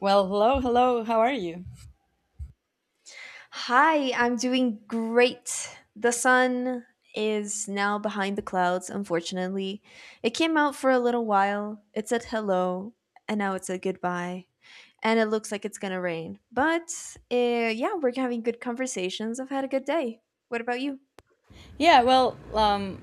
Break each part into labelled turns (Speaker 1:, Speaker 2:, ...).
Speaker 1: Well, hello, hello. How are you?
Speaker 2: Hi, I'm doing great. The sun is now behind the clouds, unfortunately. It came out for a little while, it said hello, and now it said goodbye. And it looks like it's gonna rain. But yeah, we're having good conversations. I've had a good day. What about you?
Speaker 1: Yeah, well,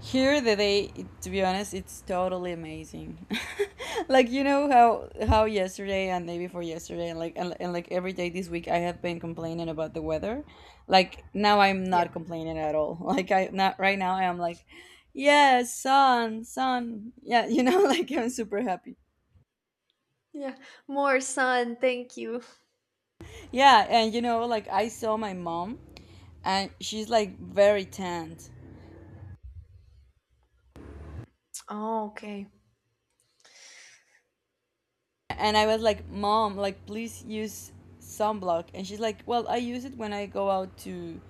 Speaker 1: here the day, to be honest, it's totally amazing. Like you know how yesterday and day before yesterday and like and like every day this week I have been complaining about the weather. Like now I'm not
Speaker 2: Yeah.
Speaker 1: complaining at all. Like I not right now I am like, yeah, sun, sun. Yeah, you know, like I'm super happy.
Speaker 2: Yeah. More sun, thank you.
Speaker 1: Yeah, and you know, like I saw my mom, and she's like very tanned.
Speaker 2: Oh, okay.
Speaker 1: And I was like, "Mom, like please use sunblock." And she's like, "Well, I use it when I go out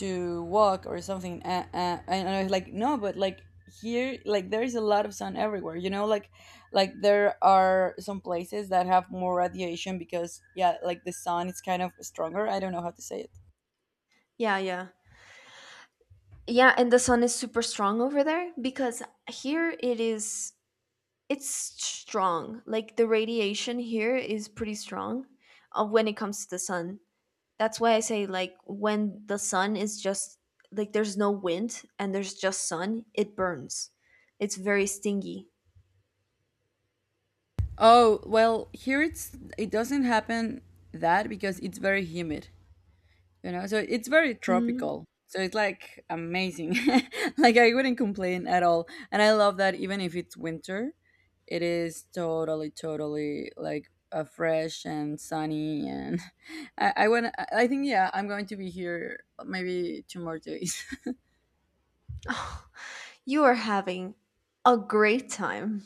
Speaker 1: to walk or something." And I was like, "No, but like here, like there is a lot of sun everywhere. You know, like there are some places that have more radiation because yeah, like the sun is kind of stronger. I don't know how to say it."
Speaker 2: Yeah, yeah. Yeah, and the sun is super strong over there because here it is it's strong. Like the radiation here is pretty strong when it comes to the sun. That's why I say, like, when the sun is just like there's no wind and there's just sun, it burns. It's very stingy.
Speaker 1: Oh, well, here it's it doesn't happen that because it's very humid. You know, so it's very
Speaker 2: Mm.
Speaker 1: tropical, so it's like amazing. Like I wouldn't complain at all, and I love that even if it's winter it is totally totally like fresh and sunny and I want I think yeah I'm going to be here maybe two more days.
Speaker 2: You are having a great time.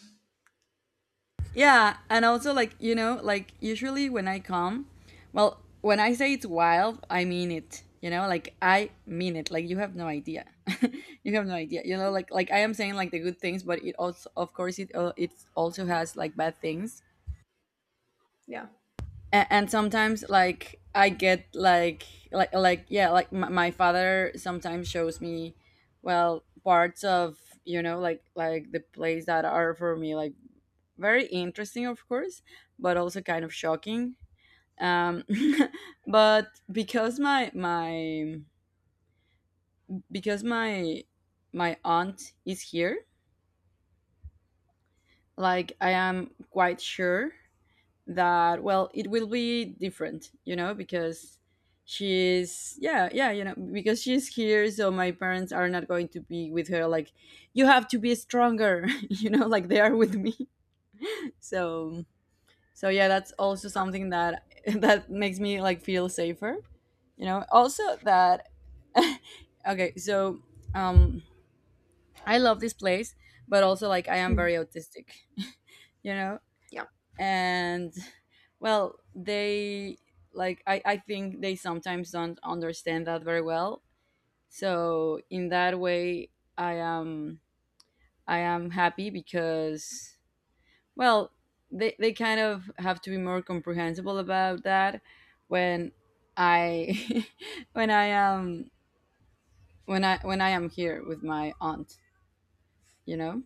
Speaker 1: Yeah, and also like you know, like usually when I come, well, when I say it's wild, I mean it. You know, like I mean it. Like you have no idea. You have no idea. You know, like I am saying like the good things, but it also, of course, it it also has like bad things.
Speaker 2: Yeah.
Speaker 1: And sometimes like I get like like yeah, like my father sometimes shows me, well, parts of you know like the place that are for me like very interesting, of course, but also kind of shocking. Um, but because my because my aunt is here, like I am quite sure that well, it will be different, you know, because she's yeah, yeah, you know, because she's here so my parents are not going to be with her like you have to be stronger. You know, like they are with me. So so yeah, that's also something that that makes me like feel safer, you know, also that okay, so um I love this place but also like I am
Speaker 2: Hmm.
Speaker 1: very autistic, you know,
Speaker 2: Yeah.
Speaker 1: and well they like I think they sometimes don't understand that very well. So in that way i am I am happy because, well, they kind of have to be more comprehensible about that when I when I am when I am here with my aunt, you know?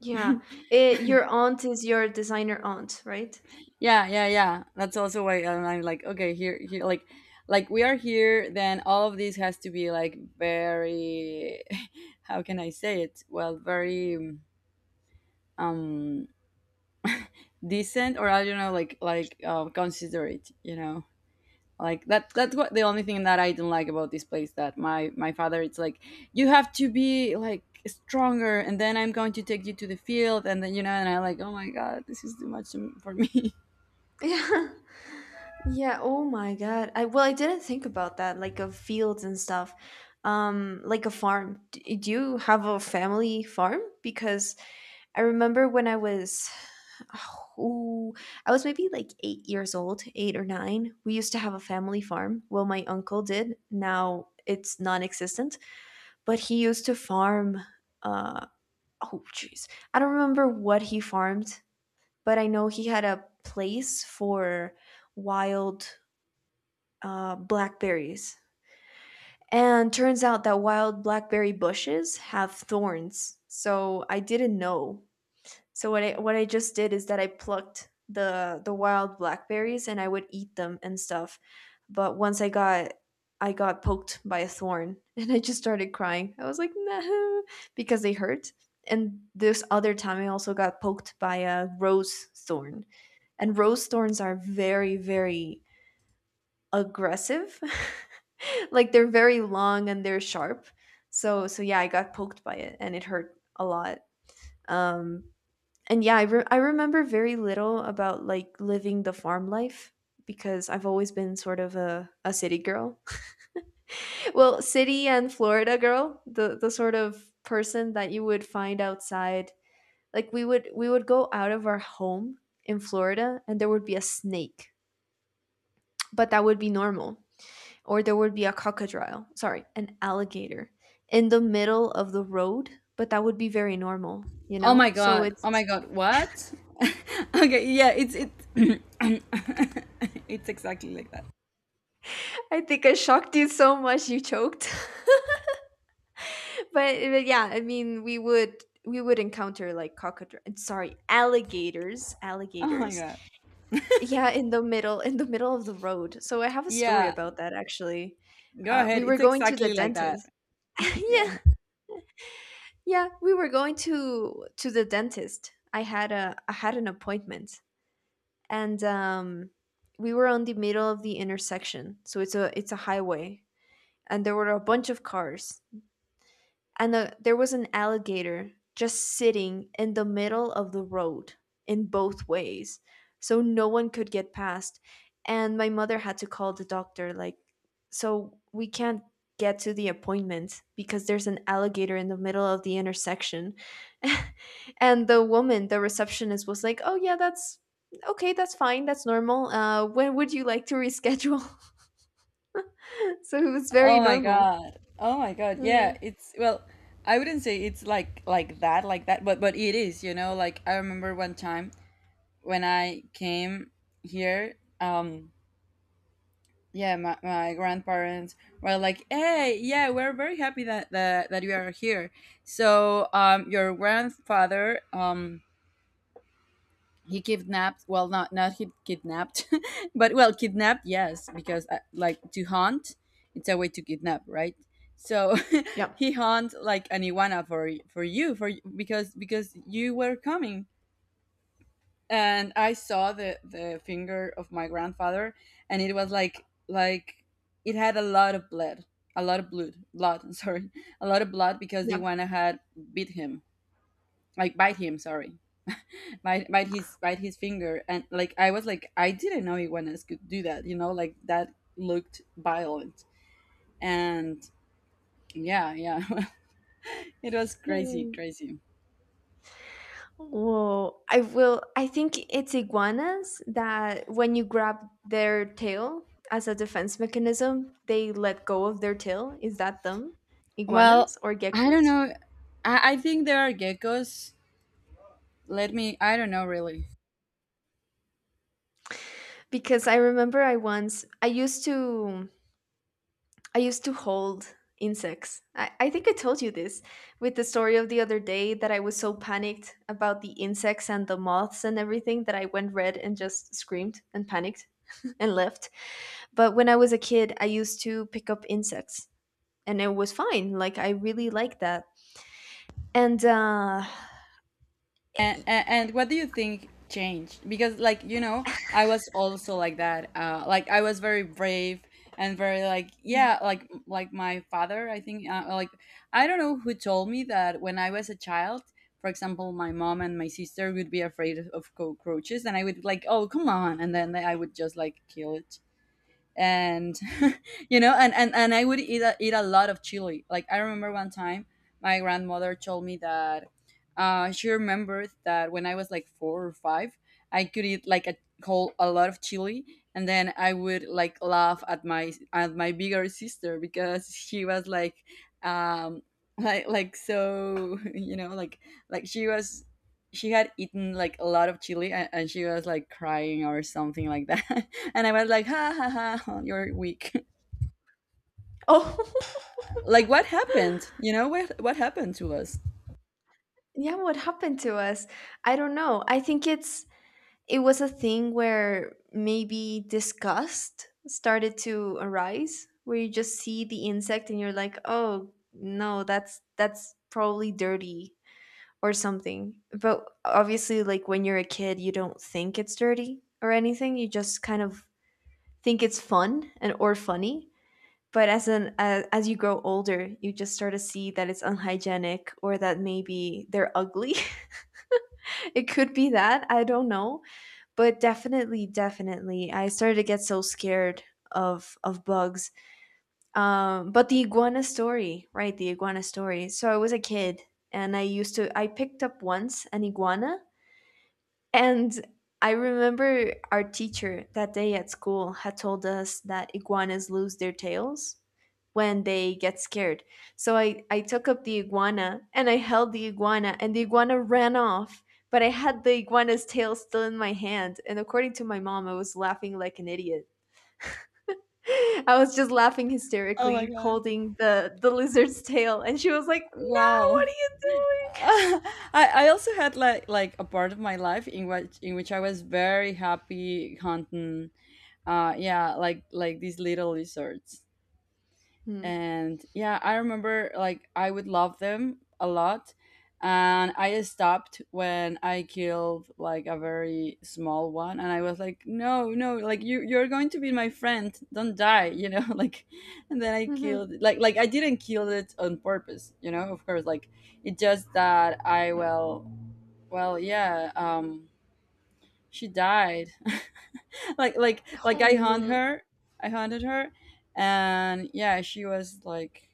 Speaker 2: Yeah. Your aunt is your designer aunt, right?
Speaker 1: Yeah, yeah, yeah. That's also why I'm like, okay, here here like we are here, then all of this has to be like very how can I say it? Well, very um decent or I don't know, like considerate, you know. Like that's what the only thing that I don't like about this place that my father it's like you have to be like stronger and then I'm going to take you to the field and then you know and I like oh my god this is too much to- for me.
Speaker 2: Yeah. Yeah, oh my God. I well, I didn't think about that, like, of fields and stuff. Like a farm. Do you have a family farm? Because I remember when I was oh, I was maybe like 8 years old, 8 or 9. We used to have a family farm. Well, my uncle did. Now it's non-existent, but he used to farm uh oh jeez. I don't remember what he farmed, but I know he had a place for wild blackberries. And turns out that wild blackberry bushes have thorns. So I didn't know. So what I just did is that I plucked the wild blackberries and I would eat them and stuff. But once I got poked by a thorn and I just started crying. I was like, no, because they hurt. And this other time I also got poked by a rose thorn. And rose thorns are very, very aggressive. Like they're very long and they're sharp. So yeah, I got poked by it and it hurt a lot. Um and yeah, I remember very little about like living the farm life because I've always been sort of a city girl. Well, city and Florida girl, the sort of person that you would find outside. Like we would go out of our home in Florida and there would be a snake, but that would be normal, or there would be a crocodile, sorry, an alligator in the middle of the road, but that would be very normal, you
Speaker 1: Oh
Speaker 2: know?
Speaker 1: my god, oh my god, what? Okay, yeah, it's it it's exactly like that.
Speaker 2: I think I shocked you so much you choked. But yeah, I mean, we would encounter like crocodile, sorry, alligators
Speaker 1: Oh my
Speaker 2: alligators
Speaker 1: god.
Speaker 2: yeah, in the middle of the road. So I have a story
Speaker 1: Yeah,
Speaker 2: about that, actually.
Speaker 1: go ahead,
Speaker 2: We were
Speaker 1: it's
Speaker 2: going to the
Speaker 1: exactly like that.
Speaker 2: dentist.
Speaker 1: Yeah.
Speaker 2: Yeah. Yeah, we were going to the dentist. I had an appointment. And we were on the middle of the intersection, so it's a highway, and there were a bunch of cars, and there was an alligator just sitting in the middle of the road in both ways, so no one could get past. And my mother had to call the doctor, like, so we can't get to the appointment because there's an alligator in the middle of the intersection. And the receptionist was like, "Oh yeah, that's okay, that's fine, that's normal. When would you like to reschedule?" So it was very
Speaker 1: Oh my
Speaker 2: normal.
Speaker 1: God. Oh my God.
Speaker 2: Mm,
Speaker 1: Yeah, it's well, I wouldn't say it's like like that, but it is, you know, like I remember one time when I came here, yeah, my grandparents were like, "Hey, yeah, we're very happy that that you are here." So, your grandfather he kidnapped well not he kidnapped but well kidnapped yes because like to hunt it's a way to kidnap, right? So
Speaker 2: yeah,
Speaker 1: he hunt like an iguana for you because you were coming. And I saw the finger of my grandfather, and it was like it had a lot of blood, a lot of blood sorry, a lot of blood because the
Speaker 2: yeah.
Speaker 1: iguana had bit him, like bite him, sorry, bite his finger. And like I was like I didn't know iguanas could do that, you know, like that looked violent. And yeah, yeah, it was crazy, crazy.
Speaker 2: Whoa, I will. I think it's iguanas that when you grab their tail as a defense mechanism, they let go of their tail. Is that them?
Speaker 1: Well,
Speaker 2: Iguanas or
Speaker 1: I don't
Speaker 2: geckos?
Speaker 1: know, I think there are geckos. Let me I don't know really.
Speaker 2: Because I remember I once I used to hold insects. I think I told you this with the story of the other day that I was so panicked about the insects and the moths and everything that I went red and just screamed and panicked and left. But when I was a kid, I used to pick up insects and it was fine. Like I really liked that. And
Speaker 1: And what do you think changed? Because, like, you know, I was also like that. Like, I was very brave and very like, yeah, like my father. I think, like, I don't know who told me that when I was a child. For example, my mom and my sister would be afraid of cockroaches, and I would like, "Oh, come on!" and then I would just like kill it. And you know, and, and I would eat eat a lot of chili. Like I remember one time my grandmother told me that she remembered that when I was like four or five I could eat like a whole a lot of chili. And then I would like laugh at my bigger sister because she was like um like so you know like she was, she had eaten like a lot of chili, and she was like crying or something like that. And I was like, ha ha ha, ha, you're weak.
Speaker 2: oh
Speaker 1: Like, what happened? You know, what happened to us?
Speaker 2: yeah, what happened to us? I don't know. I think it was a thing where maybe disgust started to arise where you just see the insect and you're like, "Oh, no, that's probably dirty." Or something. But obviously, like when you're a kid, you don't think it's dirty or anything. You just kind of think it's fun and or funny, but as you grow older, you just start to see that it's unhygienic or that maybe they're ugly. It could be that, I don't know. But definitely, definitely I started to get so scared of bugs. But the iguana story, right, the iguana story. So I was a kid and I used to I picked up once an iguana. And I remember our teacher that day at school had told us that iguanas lose their tails when they get scared. So I took up the iguana and I held the iguana, and the iguana ran off. But I had the iguana's tail still in my hand. And according to my mom, I was laughing like an idiot. I was just laughing
Speaker 1: Oh my
Speaker 2: hysterically,
Speaker 1: god.
Speaker 2: holding the lizard's tail. And she was like, "No, what
Speaker 1: Wow. I, I also had like a part of my life in which I was very happy hunting yeah, like these little lizards.
Speaker 2: are you
Speaker 1: And yeah, I remember like I would love them a lot. And I stopped when I killed like a very small one and I was like no, no, like you, you're going to be my friend, don't die, you know. Like, and then I
Speaker 2: doing?" Hmm.
Speaker 1: killed like I didn't kill it on purpose, you know, of course, like it just that I well, well, yeah, she died. Like like
Speaker 2: Oh,
Speaker 1: I hunt
Speaker 2: no.
Speaker 1: her, I hunted her, and yeah, she was like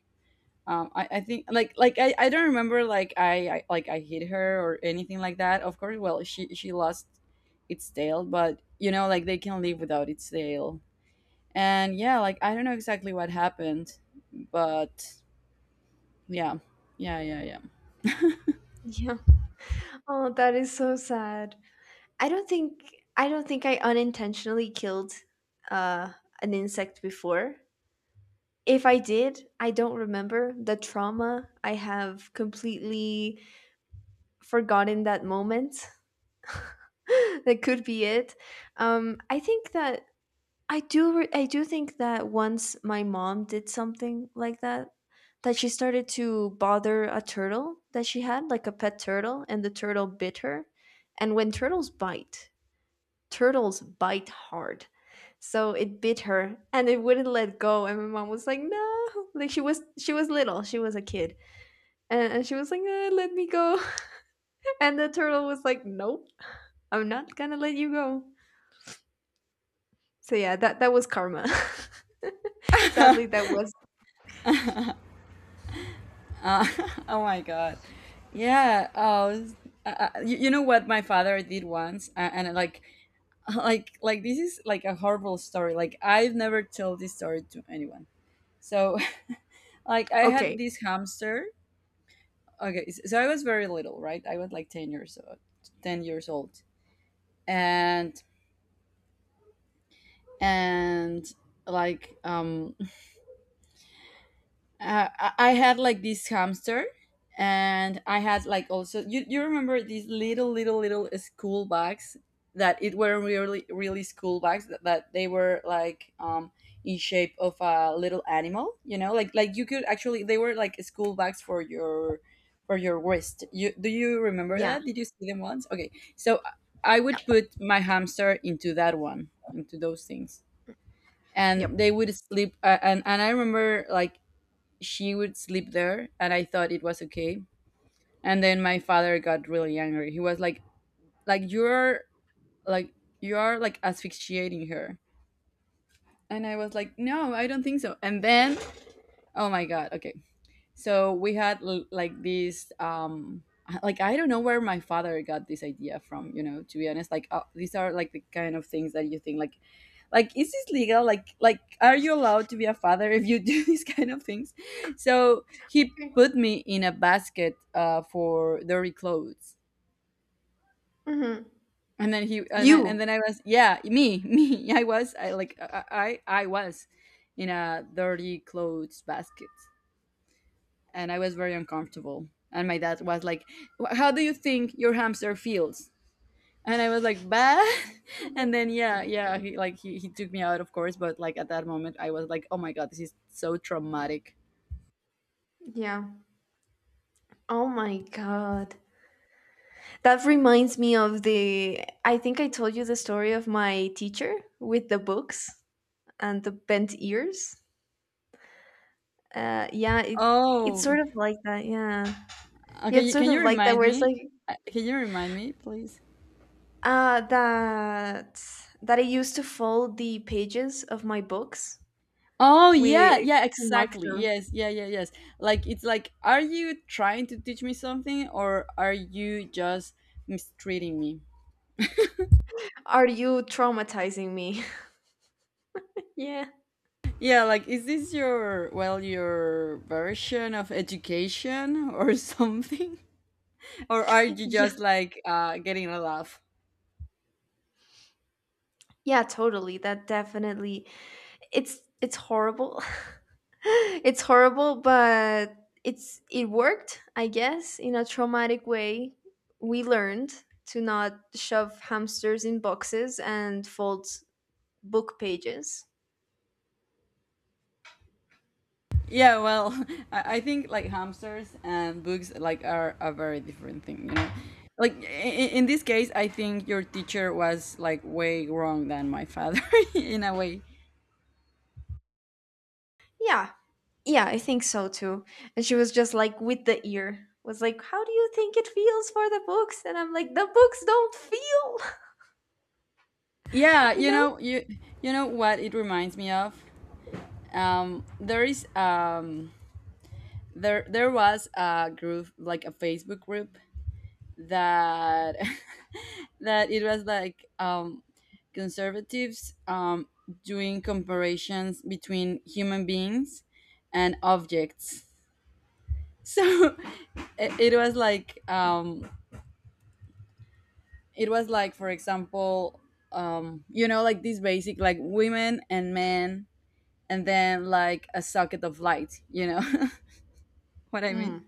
Speaker 1: I think like I don't remember like I like I hit her or anything like that, of course. Well, she lost its tail, but you know like they can live without its tail. And yeah, like I don't know exactly what happened, but yeah, yeah, yeah, yeah.
Speaker 2: Yeah. Oh, that is so sad. I don't think I don't think I unintentionally killed uh, an insect before. If I did, I don't remember the trauma. I have completely forgotten that moment. That could be it. I think that I do think that once my mom did something like that, that she started to bother a turtle, that she had like a pet turtle, and the turtle bit her. And when turtles bite, turtles bite hard. So it bit her and it wouldn't let go. And my mom was like, no, like, she was little, she was a kid. And she was like, let me go." And the turtle was like, nope, I'm not gonna let you go. So yeah, that was karma. Sadly, that was.
Speaker 1: Uh, oh my god, yeah, oh, you, you know what my father did once, and like like this is like a horrible story, like I've never told this story to anyone. So like I had
Speaker 2: Okay.
Speaker 1: this hamster. Okay, so I was very little, right? I was like 10 years old, 10 years old. and and like I had like this hamster, and I had like also you remember these little little school bags that it were really school bags that, that they were like in shape of a little animal, you know, like you could actually they were like school bags for your wrist. You do you remember
Speaker 2: Yeah.
Speaker 1: that, did you see them once? Okay, so I
Speaker 2: Yeah.
Speaker 1: would put my hamster into that one, into those things. And
Speaker 2: Yep.
Speaker 1: they would sleep, and I remember like she would sleep there and I thought it was okay. And then my father got really angry, he was like you're like you are like asphyxiating her. And I was like no, I don't think so. And then oh my god, okay. So we had like this, like I don't know where my father got this idea from. You know, to be honest, like these are like the kind of things that you think like is this legal? Like are you allowed to be a father if you do these kind of things? So he
Speaker 2: Okay.
Speaker 1: put me in a basket for dirty clothes.
Speaker 2: Mm-hmm.
Speaker 1: And then he and, I, and then
Speaker 2: You.
Speaker 1: I was yeah me me I was I like I was in a dirty clothes basket, and I was very uncomfortable. And my dad was like, "How do you think your hamster feels?" And I was like, "Bah." And then yeah, yeah, he like he took me out, of course. But like at that moment, I was like, "Oh my god, this is so traumatic."
Speaker 2: Yeah. Oh my God. That reminds me of the. I think I told you the story of my teacher with the books and the bent ears. Yeah, it's sort
Speaker 1: Oh,
Speaker 2: of like that. Yeah. Yeah,
Speaker 1: okay.
Speaker 2: it's sort
Speaker 1: Can you
Speaker 2: of like that,
Speaker 1: remind
Speaker 2: where it's
Speaker 1: me?
Speaker 2: like
Speaker 1: Can you remind me, please?
Speaker 2: uh, that that I used to fold the pages of my books
Speaker 1: Oh
Speaker 2: with
Speaker 1: yeah, yeah,
Speaker 2: to mark
Speaker 1: exactly.
Speaker 2: them.
Speaker 1: Yes, yeah, yeah, yes. Like it's like, are you trying to teach me something, or are you just mistreating me?
Speaker 2: Are you traumatizing me? Yeah.
Speaker 1: Yeah, like is this your well your version of education or something? Or are you just like getting a laugh?
Speaker 2: Yeah, totally. That definitely it's horrible. It's horrible, but it worked, I guess, in a traumatic way. We learned to not shove hamsters in boxes and fold book pages.
Speaker 1: Yeah, well, I think like hamsters and books like are a very different thing, you know? Like in this case, I think your teacher was like way wrong than my father in a way.
Speaker 2: Yeah. Yeah, I think so too. And she was just like with the ear. Was like, "How do you think it feels for the books?" And I'm like, "The books don't feel."
Speaker 1: Yeah,
Speaker 2: You
Speaker 1: you
Speaker 2: know?
Speaker 1: know, you know what it reminds me of? There is there was a group like a Facebook group that that it was like conservatives doing comparisons between human beings and objects. So it was like it was like for example, you know, like this basic like women and men, and then like a socket of light. You know what I mean?
Speaker 2: Mm,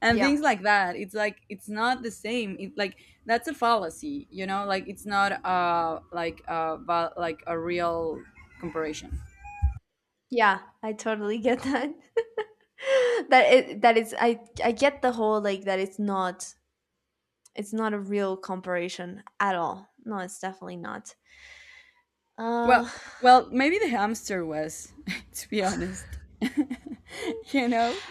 Speaker 1: And
Speaker 2: yeah.
Speaker 1: things like that, it's like it's not the same, like that's a fallacy, you know, like it's not like like a real comparison.
Speaker 2: Yeah, I totally get that. That is I get the whole, like, that it's not a real comparison at all. No, it's definitely not. Uh
Speaker 1: Well, well maybe the hamster was, to be honest, you know,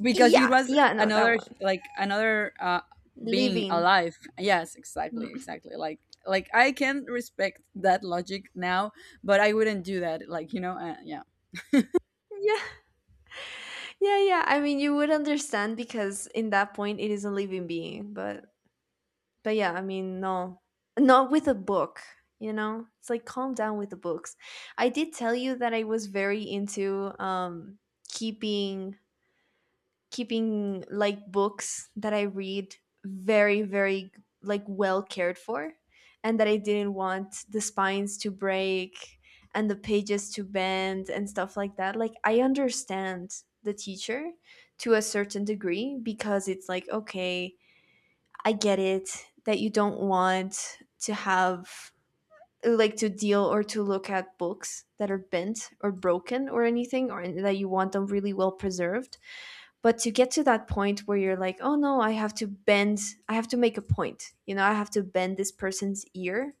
Speaker 1: because it
Speaker 2: yeah,
Speaker 1: was
Speaker 2: yeah, no, that
Speaker 1: another
Speaker 2: one.
Speaker 1: like another being
Speaker 2: Living.
Speaker 1: alive, yes, exactly,
Speaker 2: Mm.
Speaker 1: exactly, like I can respect that logic now, but I wouldn't do that, like, you know, yeah.
Speaker 2: Yeah, yeah, yeah. I mean, you would understand because in that point it is a living being, but yeah, I mean, no. Not with a book, you know? It's like calm down with the books. I did tell you that I was very into keeping keeping like books that I read very, very like well cared for, and that I didn't want the spines to break and the pages to bend and stuff like that. Like I understand the teacher to a certain degree, because it's like, okay, I get it, that you don't want to have, like, to deal or to look at books that are bent or broken or anything, or that you want them really well preserved. But to get to that point where you're like, oh no, I have to make a point, you know, I have to bend this person's ear,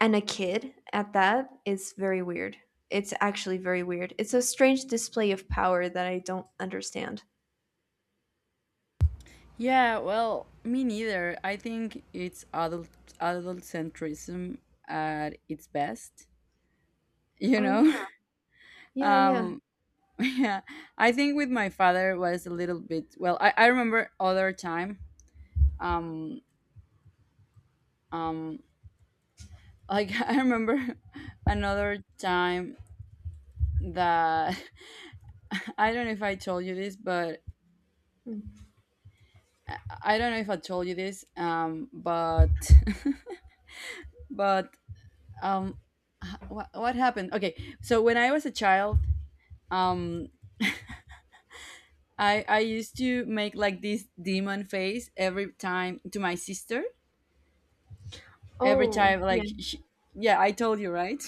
Speaker 2: and a kid at that, is very weird. It's actually very weird. It's a strange display of power that I don't understand.
Speaker 1: Yeah, well, me neither. I think it's adult centrism at its best, you
Speaker 2: Oh
Speaker 1: know?
Speaker 2: yeah, yeah, yeah.
Speaker 1: Um yeah. I think with my father was a little bit, well, I remember other time. Um um like I remember another time that I don't know if I told you this, but
Speaker 2: Hmm.
Speaker 1: I don't know if I told you this, but but um, what happened? Okay, so when I was a child, um I used to make like this demon face every time to my sister, every
Speaker 2: Oh
Speaker 1: time
Speaker 2: yeah,
Speaker 1: like yeah, I told you right?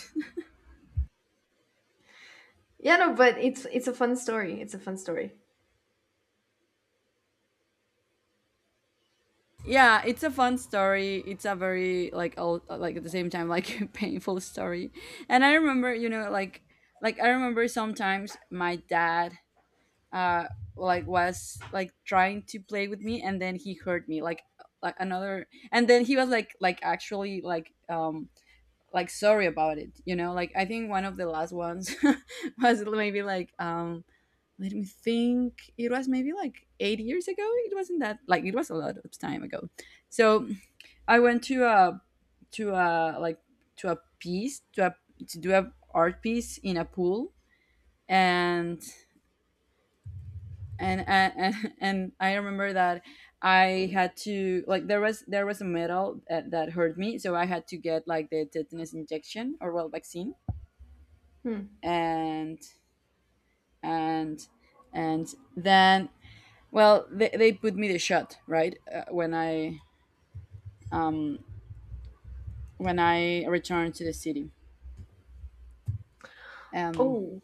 Speaker 2: yeah, no, but it's a fun story, it's a fun story.
Speaker 1: Yeah, it's a fun story, it's a very like old, like at the same time like painful story. And I remember, you know, like I remember sometimes my dad uh like was like trying to play with me and then he hurt me like another, and then he was like actually like sorry about it, you know, like I think one of the last ones was maybe like let me think, it was maybe like 8 years ago, it wasn't that like, it was a lot of time ago. So I went to a to a like to a piece to a to do a art piece in a pool, and and I remember that I had to like there was a metal that, that hurt me, so I had to get like the tetanus injection or well vaccine.
Speaker 2: Hmm.
Speaker 1: And and and then well they put me the shot right when I um when I returned to the city. um
Speaker 2: Oh.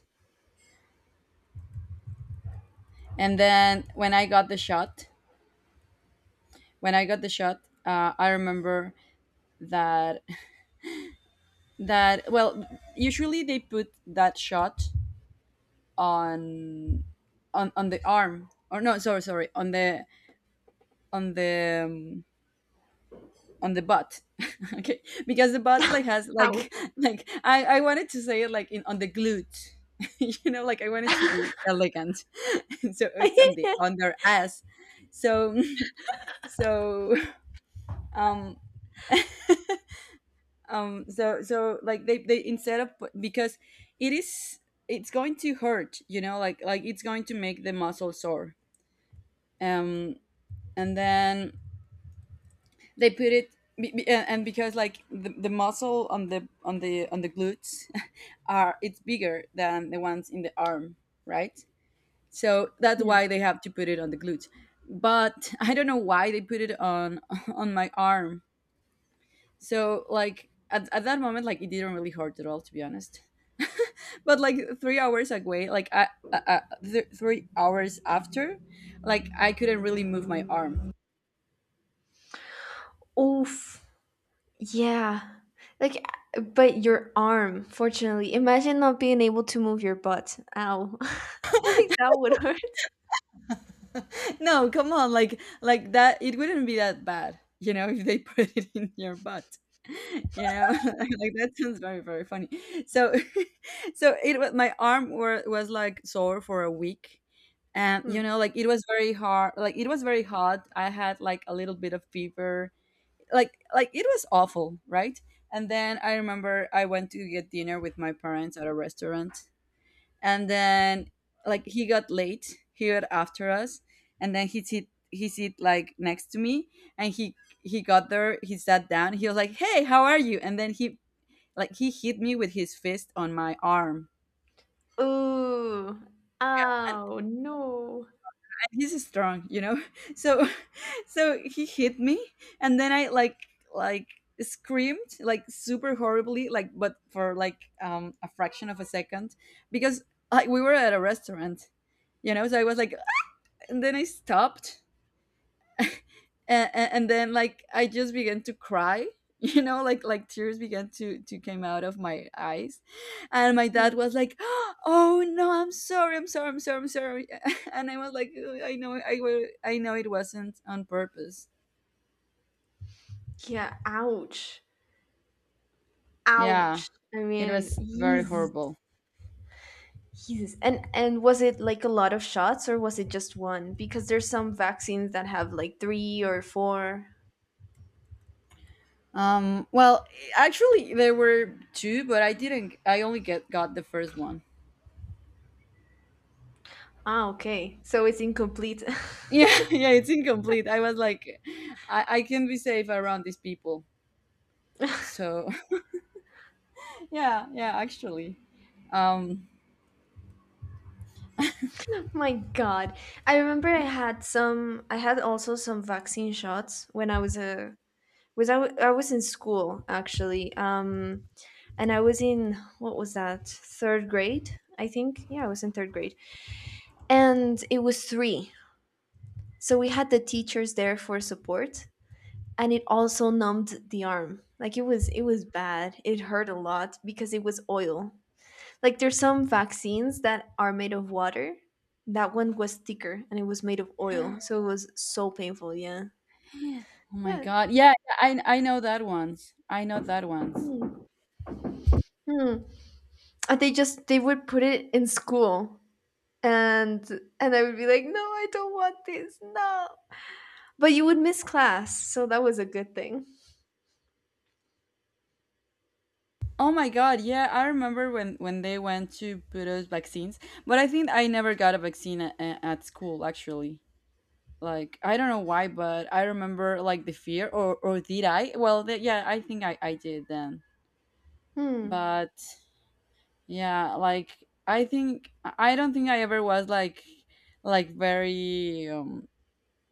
Speaker 1: and then when I got the shot, I remember that that well, usually they put that shot on on the arm, or no, sorry, on the on the um, on the butt. Okay, because the butt like has
Speaker 2: How?
Speaker 1: like, like I wanted to say it like in on the glute, you know, like I wanted to be elegant. So it's on the on their ass. So so um so so like they instead of because it is, it's going to hurt, you know, like it's going to make the muscle sore. um and then they put it and because like the muscle on the on the glutes are, it's bigger than the ones in the arm, right? So that's why
Speaker 2: Hmm.
Speaker 1: they have to put it on the glutes. But I don't know why they put it on on my arm. So like at that moment like it didn't really hurt at all, to be honest. But like 3 hours away like 3 hours after, like I couldn't really move my arm.
Speaker 2: Oof. Yeah. Like, but your arm, fortunately. Imagine not being able to move your butt. Ow. Like, that would hurt.
Speaker 1: No, come on, like that it wouldn't be that bad, you know, if they put it in your butt. You know? Like that sounds very, very funny. So so it was my arm was like sore for a week. And
Speaker 2: Hmm.
Speaker 1: you know, like it was very hard, like it was very hot, I had like a little bit of fever. Like it was awful, right? And then I remember I went to get dinner with my parents at a restaurant, and then like he got after us. And then he sit like next to me. And he got there, he sat down, he was like, "Hey, how are you?" And then he like he hit me with his fist on my arm.
Speaker 2: Ooh.
Speaker 1: And
Speaker 2: Ow. No.
Speaker 1: he's strong, you know. So so he hit me, and then I like screamed like super horribly like, but for like a fraction of a second, because like we were at a restaurant, you know, so I was like, and then I stopped. And then like I just began to cry. You know, like tears began to came out of my eyes. And my
Speaker 2: Mm.
Speaker 1: dad was like, "Oh no, I'm sorry, I'm sorry, I'm sorry, I'm sorry." And I was like, "Ugh, I know, I will, I know it wasn't on purpose."
Speaker 2: Yeah. Ouch.
Speaker 1: Yeah,
Speaker 2: Ouch. I
Speaker 1: it
Speaker 2: mean,
Speaker 1: was very
Speaker 2: Jesus.
Speaker 1: horrible.
Speaker 2: Jesus. And was it like a lot of shots or was it just one? Because there's some vaccines that have like three or four.
Speaker 1: Well, actually there were two, but I didn't, I only get got the first one.
Speaker 2: Ah, okay. So it's incomplete.
Speaker 1: Yeah, yeah, it's incomplete. I was like, I can be safe around these people. So yeah, yeah, actually. Um,
Speaker 2: My God. I remember I had also some vaccine shots when I was a, was I, w- I was in school actually. And I was in, what was that? Third grade, I think. Yeah, I was in third grade. And it was three. So we had the teachers there for support, and it also numbed the arm. Like it was bad. It hurt a lot because it was oil. Like there's some vaccines that are made of water. That one was thicker and it was made of
Speaker 1: oh
Speaker 2: oil, so it was so painful. Yeah,
Speaker 1: my
Speaker 2: yeah.
Speaker 1: god. Yeah, yeah, I know that ones. I know that ones.
Speaker 2: Hmm. Hmm. And they would put it in school, and and I would be like, no, I don't want this, no. But you would miss class, so that was a good thing.
Speaker 1: Oh my god, yeah, I remember when they went to put us vaccines, but I think I never got a vaccine at school actually. Like, I don't know why, but I remember like the fear, or did I? Well, the, yeah, I think I did then.
Speaker 2: Hmm.
Speaker 1: But yeah, like I think I don't think I ever was like very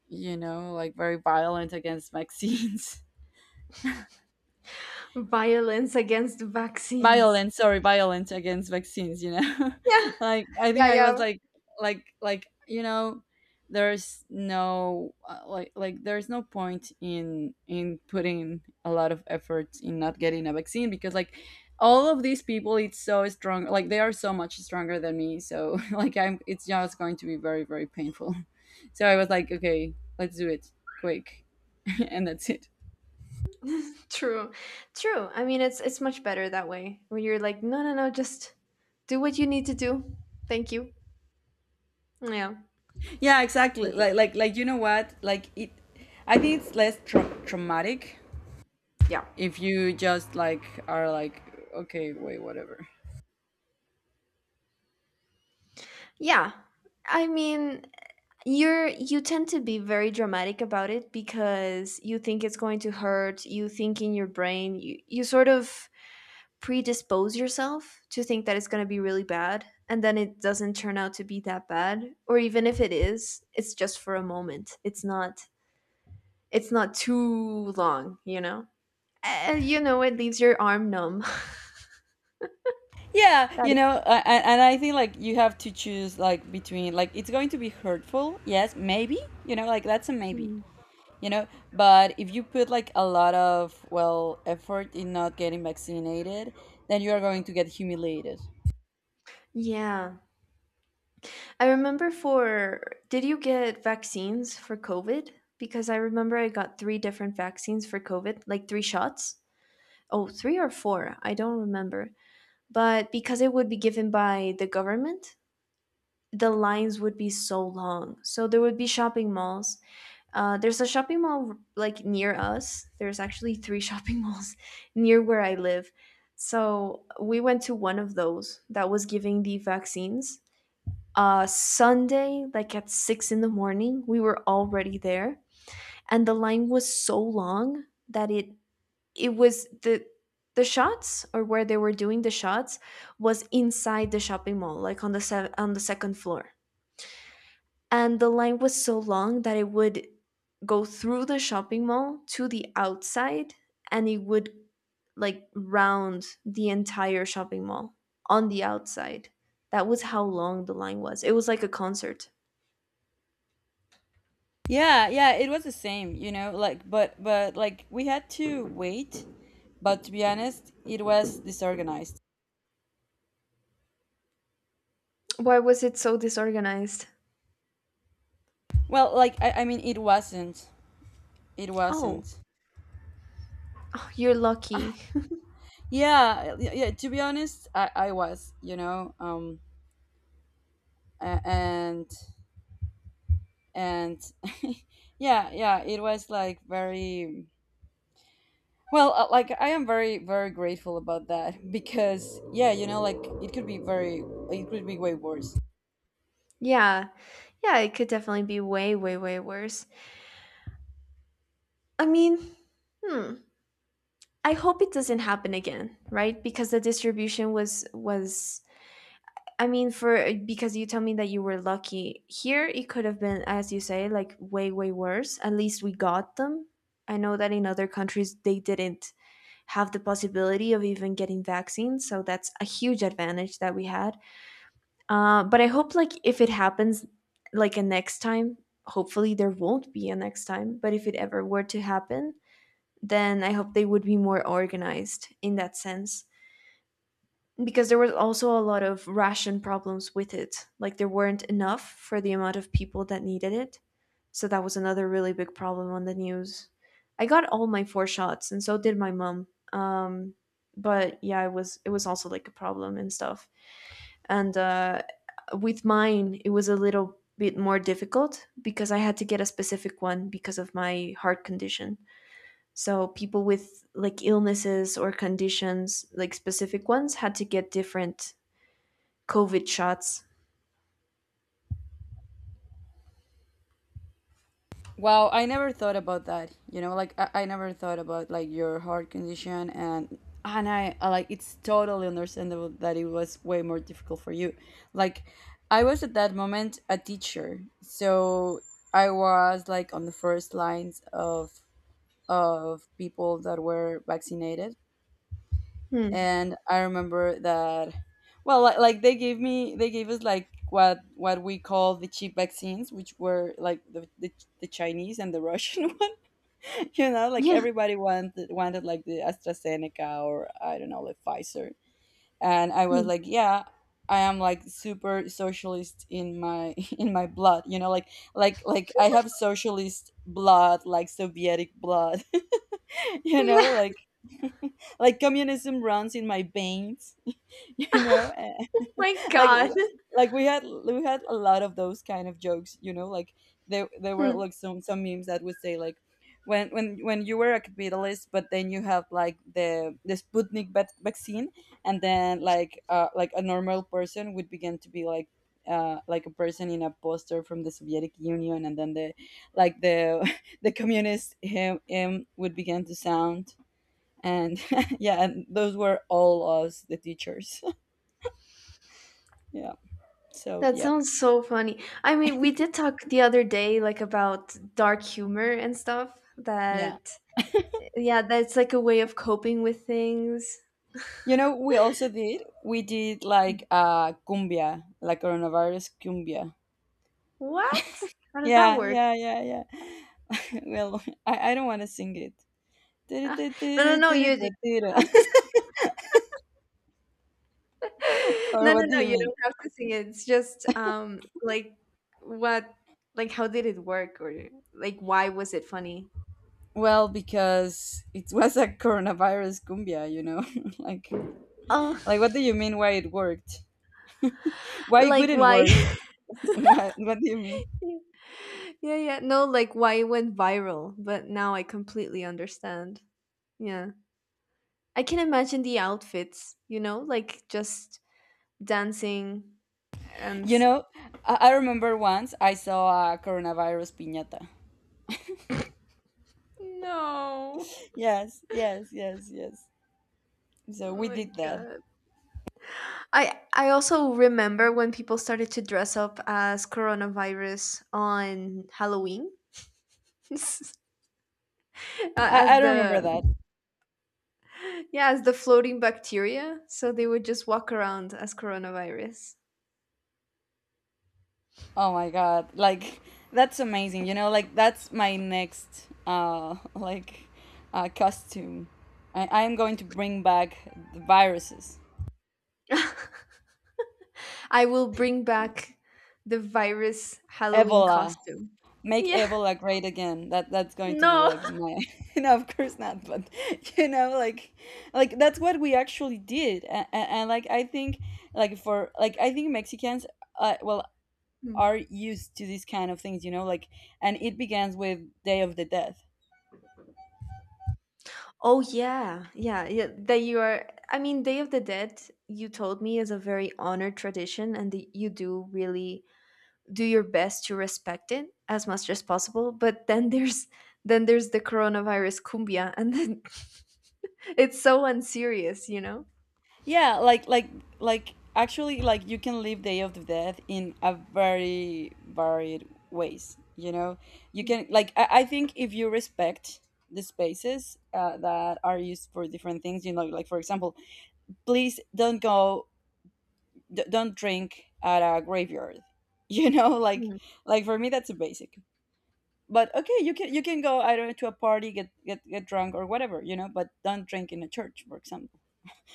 Speaker 1: you know, like very violent against vaccines.
Speaker 2: Violence against vaccines.
Speaker 1: Violent, sorry, violent against vaccines, you know.
Speaker 2: Yeah.
Speaker 1: Like I
Speaker 2: Yeah,
Speaker 1: think I was
Speaker 2: yeah.
Speaker 1: like you know, there's no like like there's no point in putting a lot of effort in not getting a vaccine, because like all of these people it's so strong, like they are so much stronger than me, so like I'm, it's just going to be very, very painful. So I was like, okay, let's do it quick. And that's it.
Speaker 2: True. True. I mean, it's much better that way. Where you're like, no, no, no, just do what you need to do. Thank you. Yeah.
Speaker 1: Yeah, exactly.
Speaker 2: Like it-
Speaker 1: Like you know what? Like it I think it's less traumatic
Speaker 2: Yeah.
Speaker 1: if you just like are like, okay, wait, whatever.
Speaker 2: Yeah. I mean, you tend to be very dramatic about it because you think it's going to hurt, you think in your brain, you sort of predispose yourself to think that it's going to be really bad, and then it doesn't turn out to be that bad, or even if it is, it's just for a moment. It's not too long. It leaves your arm numb.
Speaker 1: Yeah,
Speaker 2: That
Speaker 1: you know, and I think like you have to choose like between like it's going to be hurtful. Yes, maybe. You know, like that's a maybe.
Speaker 2: Hmm.
Speaker 1: You know, but if you put like a lot of well effort in not getting vaccinated, then you are going to get humiliated.
Speaker 2: Yeah. I remember for Did you get vaccines for COVID? Because I remember I got three different vaccines for COVID, like three shots. Oh, three or four, I don't remember. But because it would be given by the government, the lines would be so long. So there would be shopping malls. There's a shopping mall like near us. There's actually three shopping malls near where I live. So we went to one of those that was giving the vaccines Sunday, like at 6 in the morning, we were already there, and the line was so long that it was the shots, or where they were doing the shots was inside the shopping mall, like on the second floor, and the line was so long that it would go through the shopping mall to the outside, and it would like round the entire shopping mall on the outside. That was how long the line was. It was like a concert.
Speaker 1: Yeah, yeah, it was the same, you know, like but like we had to wait, but to be honest, it was disorganized.
Speaker 2: Why was it so disorganized?
Speaker 1: Well, like I mean it wasn't. It
Speaker 2: Oh,
Speaker 1: wasn't.
Speaker 2: oh, you're lucky.
Speaker 1: Yeah, yeah, yeah, to be honest, I was, you know, a- and and yeah, yeah, it was like very well, like I am very, very grateful about that, because yeah, you know, like it could be very it could be way worse.
Speaker 2: Yeah, yeah, it could definitely be way, way, way worse. I mean, hmm. I hope it doesn't happen again, right? Because the distribution was. I mean, for because you tell me that you were lucky here, it could have been, as you say, like way, way worse. At least we got them. I know that in other countries they didn't have the possibility of even getting vaccines, so that's a huge advantage that we had. But I hope like if it happens like a next time, hopefully there won't be a next time, but if it ever were to happen, then I hope they would be more organized in that sense. Because there was also a lot of ration problems with it. Like there weren't enough for the amount of people that needed it. So that was another really big problem on the news. I got all my four shots, and so did my mom. Um but yeah, it was also like a problem and stuff and with mine it was a little bit more difficult because I had to get a specific one because of my heart condition, so people with like illnesses or conditions like specific ones had to get different COVID shots.
Speaker 1: Wow, I never thought about that. You know, like I never thought about like your heart condition. And I like it's totally understandable that it was way more difficult for you. Like I was at that moment a teacher. So I was like on the first lines of people that were vaccinated.
Speaker 2: Hmm.
Speaker 1: And I remember that, well, like they gave me, they gave us like what we call the cheap vaccines, which were like the Chinese and the Russian. You know, like
Speaker 2: Yeah.
Speaker 1: everybody wanted like the AstraZeneca, or I don't know, like Pfizer. And I was
Speaker 2: Hmm.
Speaker 1: like, yeah, I am like super socialist in my in my blood, you know, like like I have socialist blood, like Sovietic blood, you know,
Speaker 2: Yeah.
Speaker 1: like like communism runs in my veins, you know,
Speaker 2: My
Speaker 1: like
Speaker 2: god.
Speaker 1: like we had a lot of those kind of jokes, you know, like there were
Speaker 2: Hmm.
Speaker 1: like some memes that would say like when you were a capitalist but then you have like the vaccine, and then like a normal person would begin to be like a person in a poster from the Soviet Union, and then the like the the communist, him, would begin to sound, and yeah, and those were all us, the teachers. Yeah. So
Speaker 2: That
Speaker 1: yeah.
Speaker 2: sounds so funny. I mean, we did talk the other day like about dark humor and stuff
Speaker 1: Yeah.
Speaker 2: that yeah, that's like a way of coping with things.
Speaker 1: You know, we also did. We did like cumbia, like coronavirus cumbia.
Speaker 2: What? How does that
Speaker 1: Yeah,
Speaker 2: work?
Speaker 1: yeah, yeah, yeah. Well, I don't want to sing it.
Speaker 2: Uh, no, no, no. You don't have to- no,
Speaker 1: Or
Speaker 2: no,
Speaker 1: what do
Speaker 2: no.
Speaker 1: you
Speaker 2: You
Speaker 1: mean?
Speaker 2: don't have to sing it. It's just like what, like how did it work, or like why was it funny?
Speaker 1: Well, because it was a coronavirus cumbia, you know. like,
Speaker 2: Oh,
Speaker 1: like what do you mean? Why it worked? Why it
Speaker 2: like
Speaker 1: wouldn't
Speaker 2: why?
Speaker 1: work? What do you mean?
Speaker 2: Yeah, yeah. No, like why it went viral. But now I completely understand. Yeah, I can imagine the outfits. Like just dancing and
Speaker 1: You
Speaker 2: s-.
Speaker 1: know, I remember once I saw a coronavirus piñata.
Speaker 2: No.
Speaker 1: Yes, yes, yes, yes. So
Speaker 2: Oh
Speaker 1: we
Speaker 2: my
Speaker 1: did that.
Speaker 2: god. I also remember when people started to dress up as coronavirus on Halloween. As
Speaker 1: I
Speaker 2: the
Speaker 1: remember that.
Speaker 2: yeah, as the floating bacteria, so they would just walk around as coronavirus.
Speaker 1: Oh my God. Like that's amazing. You know, like that's my next like costume. I am going to bring back the viruses.
Speaker 2: I will bring back the virus Halloween
Speaker 1: Ebola.
Speaker 2: costume.
Speaker 1: Make
Speaker 2: Yeah.
Speaker 1: Ebola great again. That's going to be
Speaker 2: No.
Speaker 1: like my no, of course not, but you know, like that's what we actually did. And like I think like for like I think Mexicans well
Speaker 2: Hmm.
Speaker 1: are used to these kind of things, you know, like and it begins with Day of the Dead.
Speaker 2: Oh yeah, yeah, yeah. That you are. I mean, Day of the Dead. You told me is a very honored tradition, and that you do really do your best to respect it as much as possible, but then there's the coronavirus cumbia, and then it's so unserious.
Speaker 1: Yeah, like like actually like you can live Day of the Dead in a very varied ways. You know, you can like I think if you respect the spaces that are used for different things, you know, like for example, please don't go, don't drink at a graveyard. You know,
Speaker 2: Hmm.
Speaker 1: like for me that's a basic. But okay, you can go, I don't know, to a party, get drunk or whatever, you know, but don't drink in a church, for example.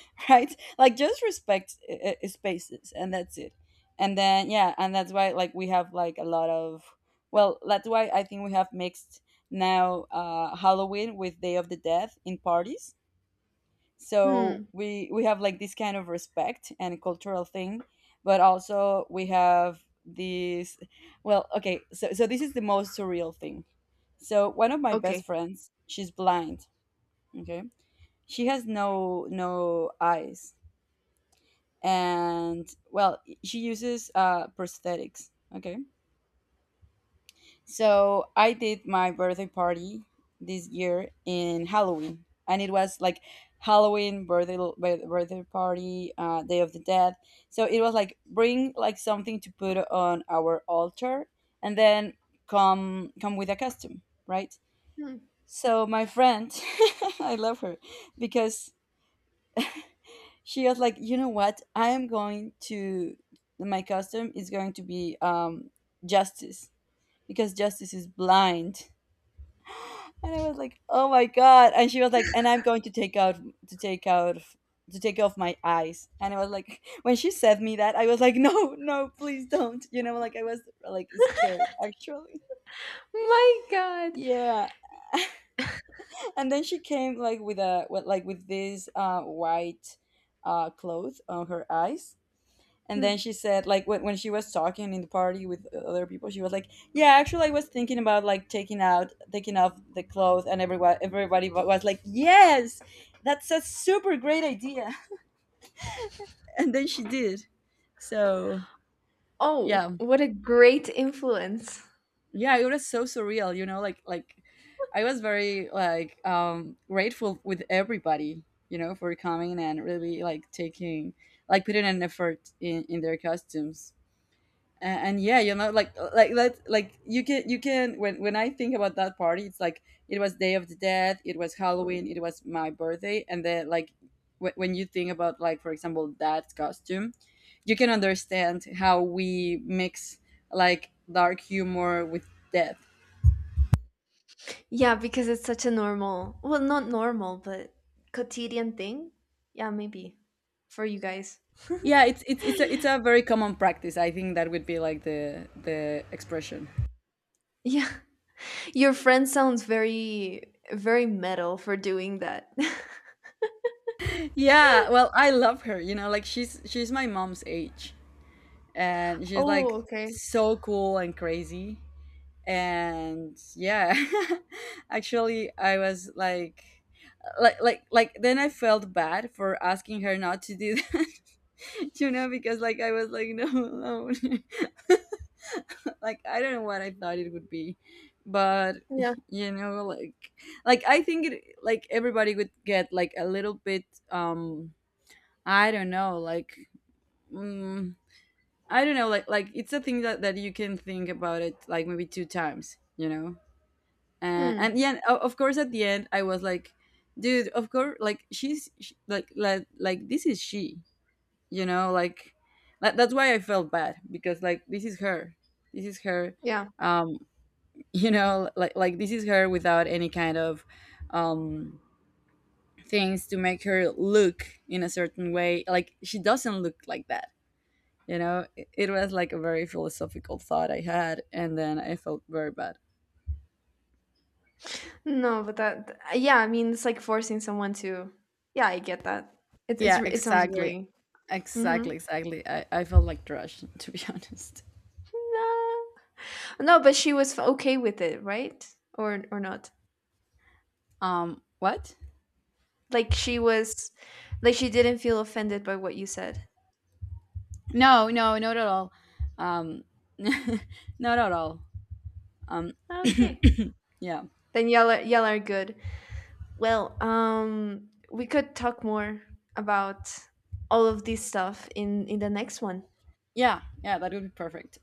Speaker 1: Right? Like just respect spaces, and that's it. And then yeah, and that's why like we have like a lot of well, that's why I think we have mixed now Halloween with Day of the Dead in parties. So
Speaker 2: Hmm.
Speaker 1: we have like this kind of respect and cultural thing, but also we have these well, okay, so this is the most surreal thing. So one of my
Speaker 2: Okay.
Speaker 1: best friends, she's blind. Okay, she has no eyes, and well, she uses prosthetics. Okay, so I did my birthday party this year in Halloween, and it was like Halloween birthday, birthday party, Day of the Dead. So it was like bring like something to put on our altar, and then come with a costume, right?
Speaker 2: Hmm.
Speaker 1: So my friend, I love her, because she was like, you know what? I am going to my custom is going to be justice, because justice is blind. And I was like, oh my god. And she was like, and I'm going to take out, to take out to take off my eyes. And I was like, when she said me that, I was like, no, no, please don't. You know, like I was like scared, actually.
Speaker 2: My god.
Speaker 1: Yeah. And then she came like with a like with this white cloth on her eyes. And then
Speaker 2: Hmm.
Speaker 1: she said, like, when she was talking in the party with other people, she was like, "Yeah, actually, I was thinking about like taking out, taking off the clothes," and everybody was like, "Yes, that's a super great idea." And then she did. So
Speaker 2: Oh,
Speaker 1: yeah,
Speaker 2: what a great influence.
Speaker 1: yeah, it was so surreal, you know, like I was very like grateful with everybody, you know, for coming and really like taking like putting an effort in their costumes. And yeah, you know, like that like you can when I think about that party, it's like it was Day of the Dead, it was Halloween, it was my birthday, and then like when you think about like for example that costume, you can understand how we mix like dark humor with death.
Speaker 2: Yeah, because it's such a normal, well, not normal but quotidian thing. Yeah, maybe for you guys.
Speaker 1: Yeah, it's it's a very common practice. I think that would be like the expression.
Speaker 2: Yeah. Your friend sounds very, very metal for doing that.
Speaker 1: Yeah, well, I love her, you know, like she's my mom's age, and she's like
Speaker 2: Oh, okay.
Speaker 1: so cool and crazy, and yeah. Actually, I was like like then I felt bad for asking her not to do that. You know, because like I was like, no, no. Like I don't know what I thought it would be, but
Speaker 2: Yeah.
Speaker 1: you know, like I think it like everybody would get like a little bit, um I don't know, like mm, I don't know, like it's a thing that that you can think about it like maybe two times, you know. And
Speaker 2: Hmm.
Speaker 1: yeah, of course, at the end, I was like, dude, of course, like she's sh like like this is she, you know, like that's why I felt bad, because like this is her, this is her,
Speaker 2: Yeah.
Speaker 1: um, you know, like this is her without any kind of um things to make her look in a certain way. Like she doesn't look like that, you know, it was like a very philosophical thought I had, and then I felt very bad.
Speaker 2: No, but that. Yeah, I mean, it's like forcing someone to. Yeah, I get that.
Speaker 1: Yeah,
Speaker 2: It sounds
Speaker 1: exactly.
Speaker 2: very. Mm-hmm.
Speaker 1: Exactly, I felt like trash, to be honest.
Speaker 2: No. No, but she was f- okay with it, right? Or not?
Speaker 1: What?
Speaker 2: Like she was, like she didn't feel offended by what you said.
Speaker 1: No, no, not at all. Um, not at all. Um,
Speaker 2: Ah, okay.
Speaker 1: yeah.
Speaker 2: Then y'all are good. Well, we could talk more about all of this stuff in the next one.
Speaker 1: Yeah, yeah, that would be perfect.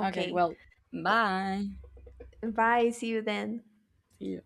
Speaker 1: Okay, well,
Speaker 2: Well,
Speaker 1: bye.
Speaker 2: bye. See you then.
Speaker 1: See you.